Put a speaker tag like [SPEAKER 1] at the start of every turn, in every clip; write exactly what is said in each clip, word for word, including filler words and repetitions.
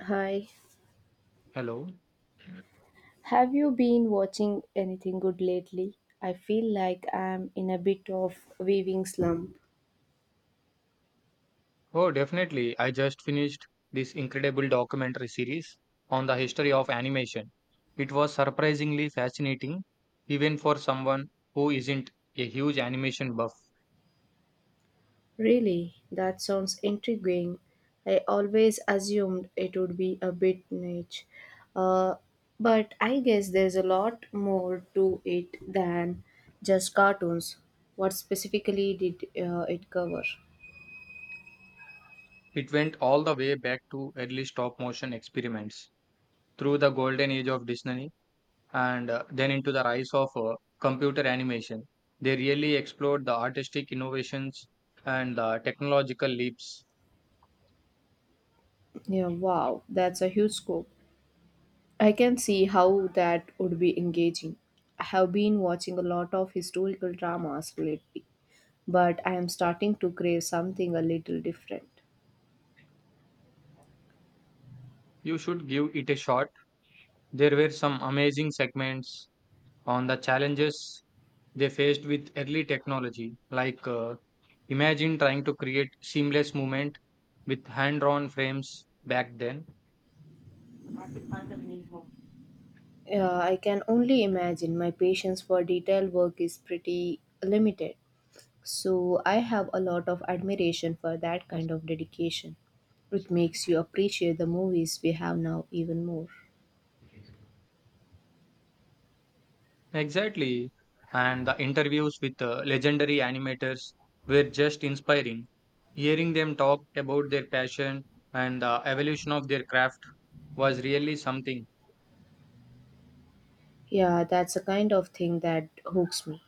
[SPEAKER 1] Hi,
[SPEAKER 2] Hello.
[SPEAKER 1] have you been watching anything good lately? I feel like I'm in a bit of weaving slump.
[SPEAKER 2] Oh, definitely. I just finished this incredible documentary series on the history of animation. It was surprisingly fascinating, even for someone who isn't a huge animation buff.
[SPEAKER 1] Really, that sounds intriguing. I always assumed it would be a bit niche. Uh, but I guess there's a lot more to it than just cartoons. What specifically did uh, it cover?
[SPEAKER 2] It went all the way back to early stop motion experiments, through the golden age of Disney, and uh, then into the rise of uh, computer animation. They really explored the artistic innovations and the technological leaps.
[SPEAKER 1] Yeah, wow, that's a huge scope. I can see how that would be engaging. I have been watching a lot of historical dramas lately, but I am starting to crave something a little different.
[SPEAKER 2] You should give it a shot. There were some amazing segments on the challenges they faced with early technology, like, uh, imagine trying to create seamless movement with hand drawn frames back then.
[SPEAKER 1] Yeah, I can only imagine my patience for detailed work is pretty limited, so I have a lot of admiration for that kind of dedication. It makes you appreciate the movies we have now even more.
[SPEAKER 2] Exactly. And the interviews with uh, legendary animators were just inspiring. Hearing them talk about their passion and the evolution of their craft was really something.
[SPEAKER 1] Yeah, that's the kind of thing that hooks me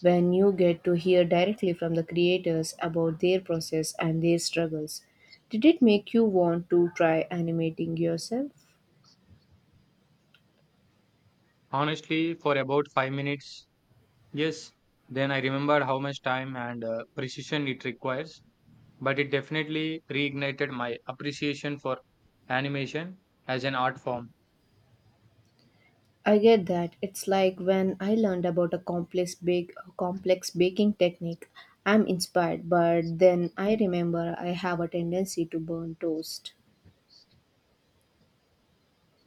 [SPEAKER 1] when you get to hear directly from the creators about their process and their struggles. Did it make you want to try animating yourself?
[SPEAKER 2] Honestly, for about five minutes, yes, then I remembered how much time and uh, precision it requires, but it definitely reignited my appreciation for animation as an art form.
[SPEAKER 1] I get that. It's like when I learned about a complex bake complex baking technique. I'm inspired, but then I remember I have a tendency to burn toast.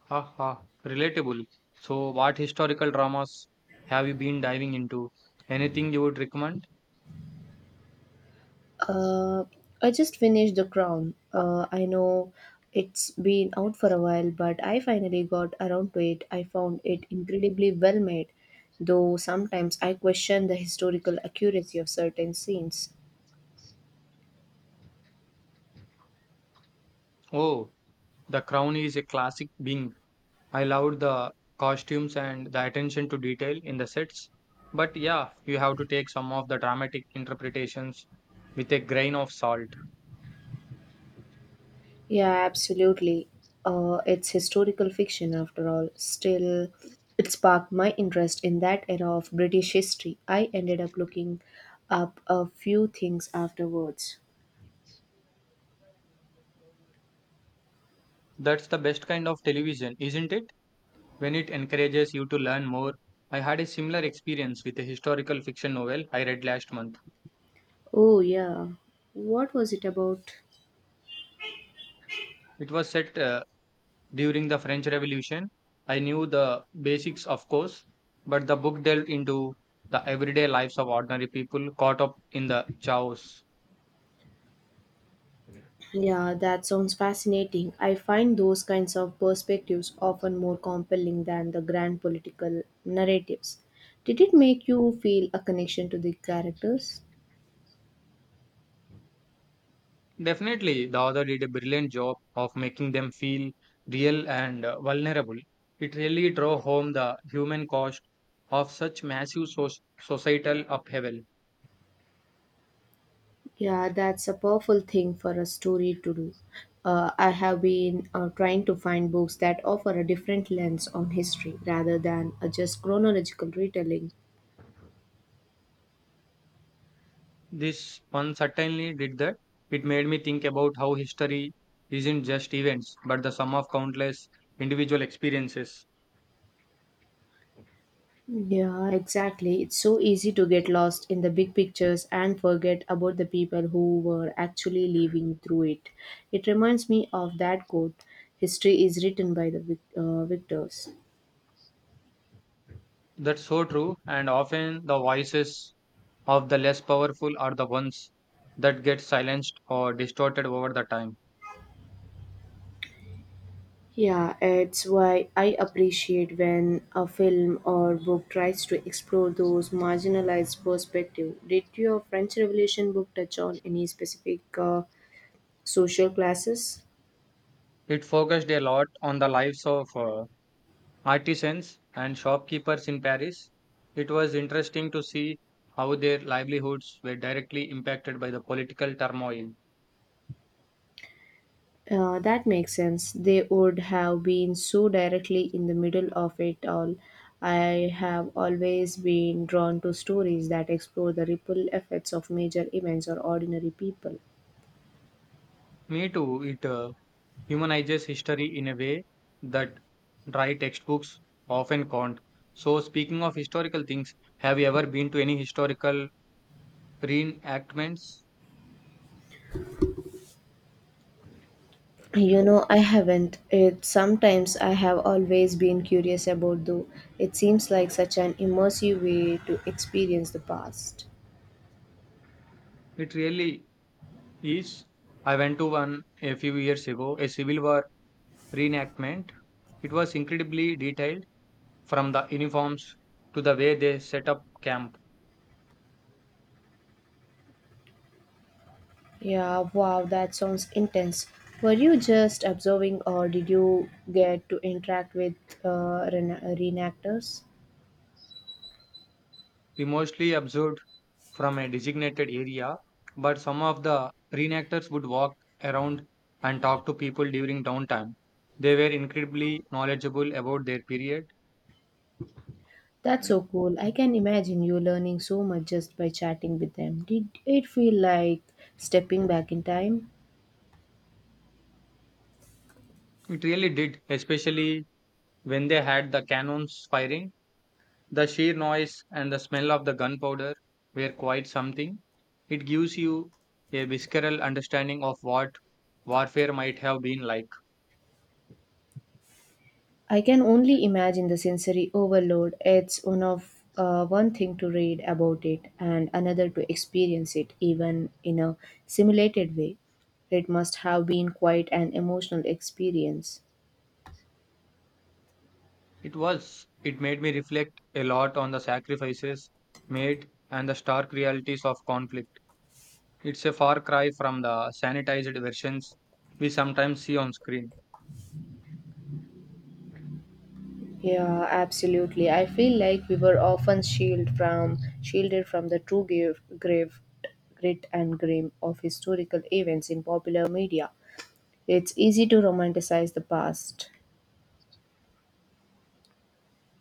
[SPEAKER 2] Ha ha, relatable. So, what historical dramas have you been diving into? Anything you would recommend?
[SPEAKER 1] Uh, I just finished The Crown. Uh, I know it's been out for a while, but I finally got around to it. I found it incredibly well made, though sometimes I question the historical accuracy of certain scenes.
[SPEAKER 2] Oh, The Crown is a classic being. I loved the costumes and the attention to detail in the sets. But yeah, you have to take some of the dramatic interpretations with a grain of salt.
[SPEAKER 1] Yeah, absolutely. Uh, it's historical fiction after all. Still, it sparked my interest in that era of British history. I ended up looking up a few things afterwards.
[SPEAKER 2] That's the best kind of television, isn't it? When it encourages you to learn more. I had a similar experience with a historical fiction novel I read last month.
[SPEAKER 1] Oh, yeah. What was it about?
[SPEAKER 2] It was set, uh, during the French Revolution. I knew the basics, of course, but the book delved into the everyday lives of ordinary people caught up in the chaos.
[SPEAKER 1] Yeah, that sounds fascinating. I find those kinds of perspectives often more compelling than the grand political narratives. Did it make you feel a connection to the characters?
[SPEAKER 2] Definitely, the author did a brilliant job of making them feel real and uh, vulnerable. It really drove home the human cost of such massive so- societal upheaval.
[SPEAKER 1] Yeah, that's a powerful thing for a story to do. Uh, I have been uh, trying to find books that offer a different lens on history rather than a just chronological retelling.
[SPEAKER 2] This one certainly did that. It made me think about how history isn't just events, but the sum of countless individual experiences.
[SPEAKER 1] Yeah, exactly. It's so easy to get lost in the big pictures and forget about the people who were actually living through it. It reminds me of that quote, "History is written by the vic- uh, victors."
[SPEAKER 2] That's so true, and often the voices of the less powerful are the ones that get silenced or distorted over the time.
[SPEAKER 1] Yeah, it's why I appreciate when a film or book tries to explore those marginalized perspectives. Did your French Revolution book touch on any specific uh, social classes?
[SPEAKER 2] It focused a lot on the lives of uh, artisans and shopkeepers in Paris. It was interesting to see how their livelihoods were directly impacted by the political turmoil.
[SPEAKER 1] Uh, that makes sense. They would have been so directly in the middle of it all. I have always been drawn to stories that explore the ripple effects of major events or ordinary people.
[SPEAKER 2] Me too, it uh, humanizes history in a way that dry textbooks often can't. So, speaking of historical things, have you ever been to any historical reenactments?
[SPEAKER 1] You know, I haven't. It sometimes I have always been curious about though. It seems like such an immersive way to experience the past.
[SPEAKER 2] It really is. I went to one a few years ago, a civil war reenactment. It was incredibly detailed, from the uniforms to the way they set up camp.
[SPEAKER 1] Yeah, wow, that sounds intense. Were you just observing, or did you get to interact with uh, rena- reenactors?
[SPEAKER 2] We mostly observed from a designated area, but some of the reenactors would walk around and talk to people during downtime. They were incredibly knowledgeable about their period.
[SPEAKER 1] That's so cool. I can imagine you learning so much just by chatting with them. Did it feel like stepping back in time?
[SPEAKER 2] It really did, especially when they had the cannons firing. The sheer noise and the smell of the gunpowder were quite something. It gives you a visceral understanding of what warfare might have been like.
[SPEAKER 1] I can only imagine the sensory overload. It's one of uh, one thing to read about it and another to experience it, even in a simulated way. It must have been quite an emotional experience.
[SPEAKER 2] It was. It made me reflect a lot on the sacrifices made and the stark realities of conflict. It's a far cry from the sanitized versions we sometimes see on screen.
[SPEAKER 1] Yeah, absolutely. I feel like we were often shielded from shielded from the true give, grave, grit and grim of historical events in popular media. It's easy to romanticize the past.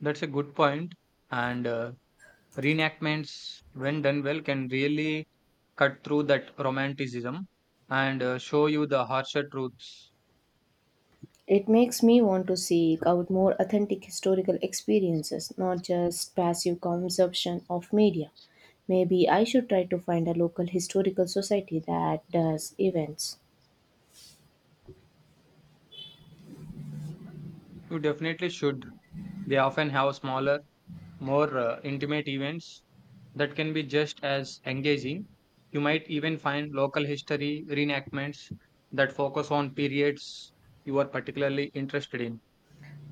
[SPEAKER 2] That's a good point, point. And uh, reenactments, when done well, can really cut through that romanticism and uh, show you the harsher truths.
[SPEAKER 1] It makes me want to seek out more authentic historical experiences, not just passive consumption of media. Maybe I should try to find a local historical society that does events.
[SPEAKER 2] You definitely should. They often have smaller, more uh, intimate events that can be just as engaging. You might even find local history reenactments that focus on periods you are particularly interested in.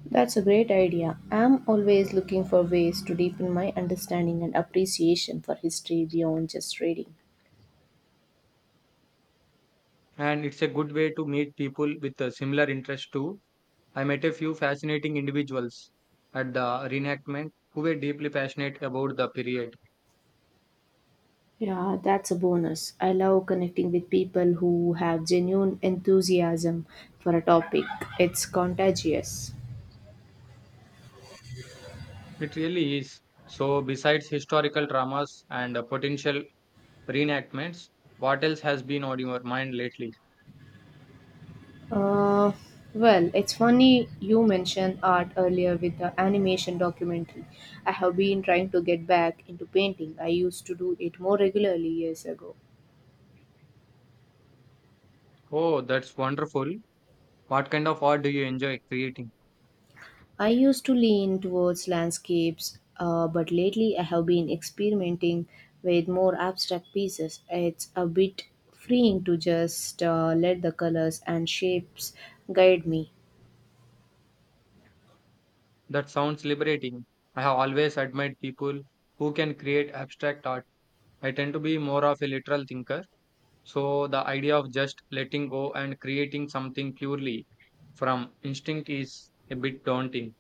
[SPEAKER 1] That's a great idea. I'm always looking for ways to deepen my understanding and appreciation for history beyond just reading.
[SPEAKER 2] And it's a good way to meet people with a similar interest too. I met a few fascinating individuals at the reenactment who were deeply passionate about the period.
[SPEAKER 1] Yeah, that's a bonus. I love connecting with people who have genuine enthusiasm for a topic. It's contagious.
[SPEAKER 2] It really is. So, besides historical dramas and uh, potential reenactments, what else has been on your mind lately?
[SPEAKER 1] Uh, well, it's funny you mentioned art earlier with the animation documentary. I have been trying to get back into painting. I used to do it more regularly years ago.
[SPEAKER 2] Oh, that's wonderful. What kind of art do you enjoy creating?
[SPEAKER 1] I used to lean towards landscapes, uh, but lately I have been experimenting with more abstract pieces. It's a bit freeing to just uh, let the colors and shapes guide me.
[SPEAKER 2] That sounds liberating. I have always admired people who can create abstract art. I tend to be more of a literal thinker. So, the idea of just letting go and creating something purely from instinct is a bit daunting.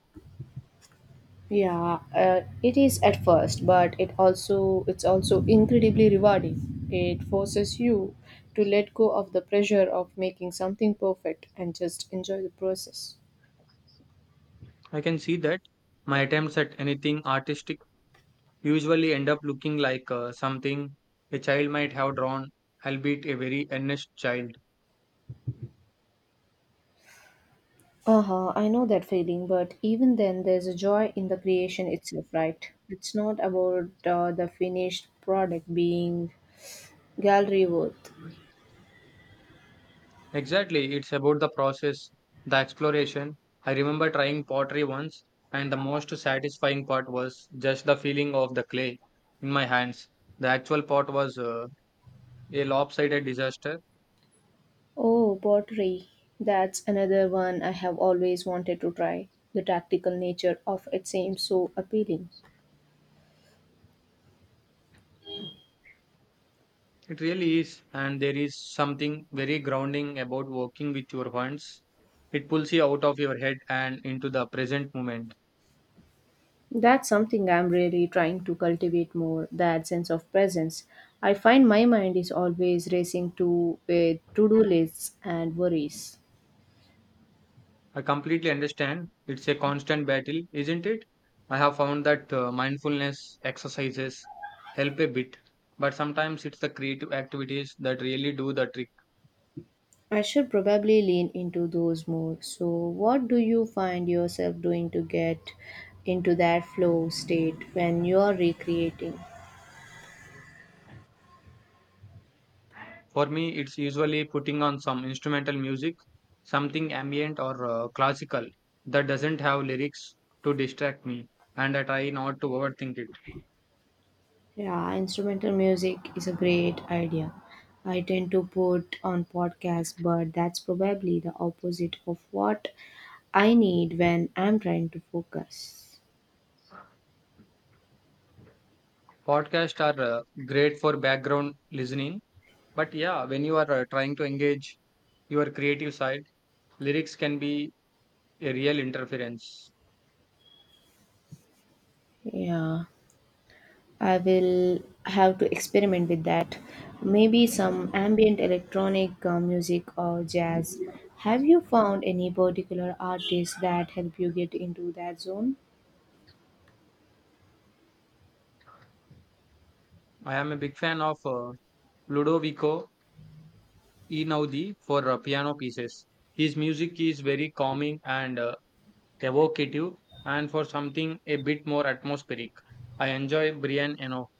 [SPEAKER 1] Yeah, uh, it is at first, but it also it's also incredibly rewarding. It forces you to let go of the pressure of making something perfect and just enjoy the process.
[SPEAKER 2] I can see that. My attempts at anything artistic usually end up looking like, uh, something a child might have drawn, albeit a very earnest child.
[SPEAKER 1] Uh huh, I know that feeling, but even then, there's a joy in the creation itself, right? It's not about uh, the finished product being gallery worth.
[SPEAKER 2] Exactly, it's about the process, the exploration. I remember trying pottery once, and the most satisfying part was just the feeling of the clay in my hands. The actual pot was, uh, a lopsided disaster.
[SPEAKER 1] Oh, pottery. That's another one I have always wanted to try. The tactical nature of it seems so appealing.
[SPEAKER 2] It really is, and there is something very grounding about working with your hands. It pulls you out of your head and into the present moment.
[SPEAKER 1] That's something I'm really trying to cultivate more, that sense of presence. I find my mind is always racing to with to do lists and worries.
[SPEAKER 2] I completely understand. It's a constant battle, isn't it? I have found that uh, mindfulness exercises help a bit, but sometimes it's the creative activities that really do the trick.
[SPEAKER 1] I should probably lean into those more. So, what do you find yourself doing to get into that flow state when you are recreating?
[SPEAKER 2] For me, it's usually putting on some instrumental music, something ambient or uh, classical that doesn't have lyrics to distract me, and I try not to overthink it.
[SPEAKER 1] Yeah, instrumental music is a great idea. I tend to put on podcasts, but that's probably the opposite of what I need when I'm trying to focus.
[SPEAKER 2] Podcasts are uh, great for background listening, but yeah, when you are uh, trying to engage your creative side, lyrics can be a real interference.
[SPEAKER 1] Yeah. I will have to experiment with that. Maybe some ambient electronic uh, music or jazz. Have you found any particular artists that help you get into that zone?
[SPEAKER 2] I am a big fan of uh, Ludovico Einaudi for uh, piano pieces. His music is very calming and uh, evocative, and for something a bit more atmospheric, I enjoy Brian Eno.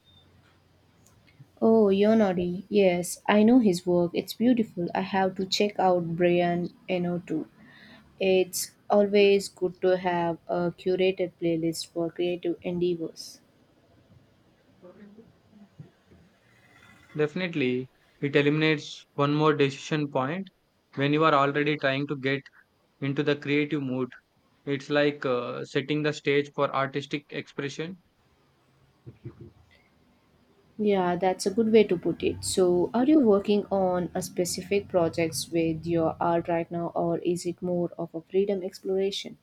[SPEAKER 1] Oh, Yonori. Yes, I know his work. It's beautiful. I have to check out Brian Eno too. It's always good to have a curated playlist for creative endeavors.
[SPEAKER 2] Definitely, it eliminates one more decision point when you are already trying to get into the creative mood. It's like uh, setting the stage for artistic expression.
[SPEAKER 1] Yeah, that's a good way to put it. So, are you working on a specific projects with your art right now, or is it more of a freedom exploration?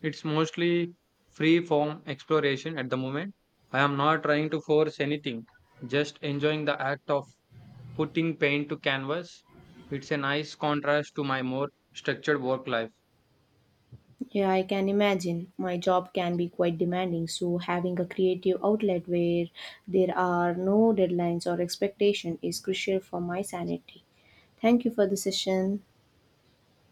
[SPEAKER 2] It's mostly free form exploration at the moment. I am not trying to force anything, just enjoying the act of putting paint to canvas. It's a nice contrast to my more structured work life.
[SPEAKER 1] Yeah, I can imagine. My job can be quite demanding, so having a creative outlet where there are no deadlines or expectation is crucial for my sanity. Thank you for the session.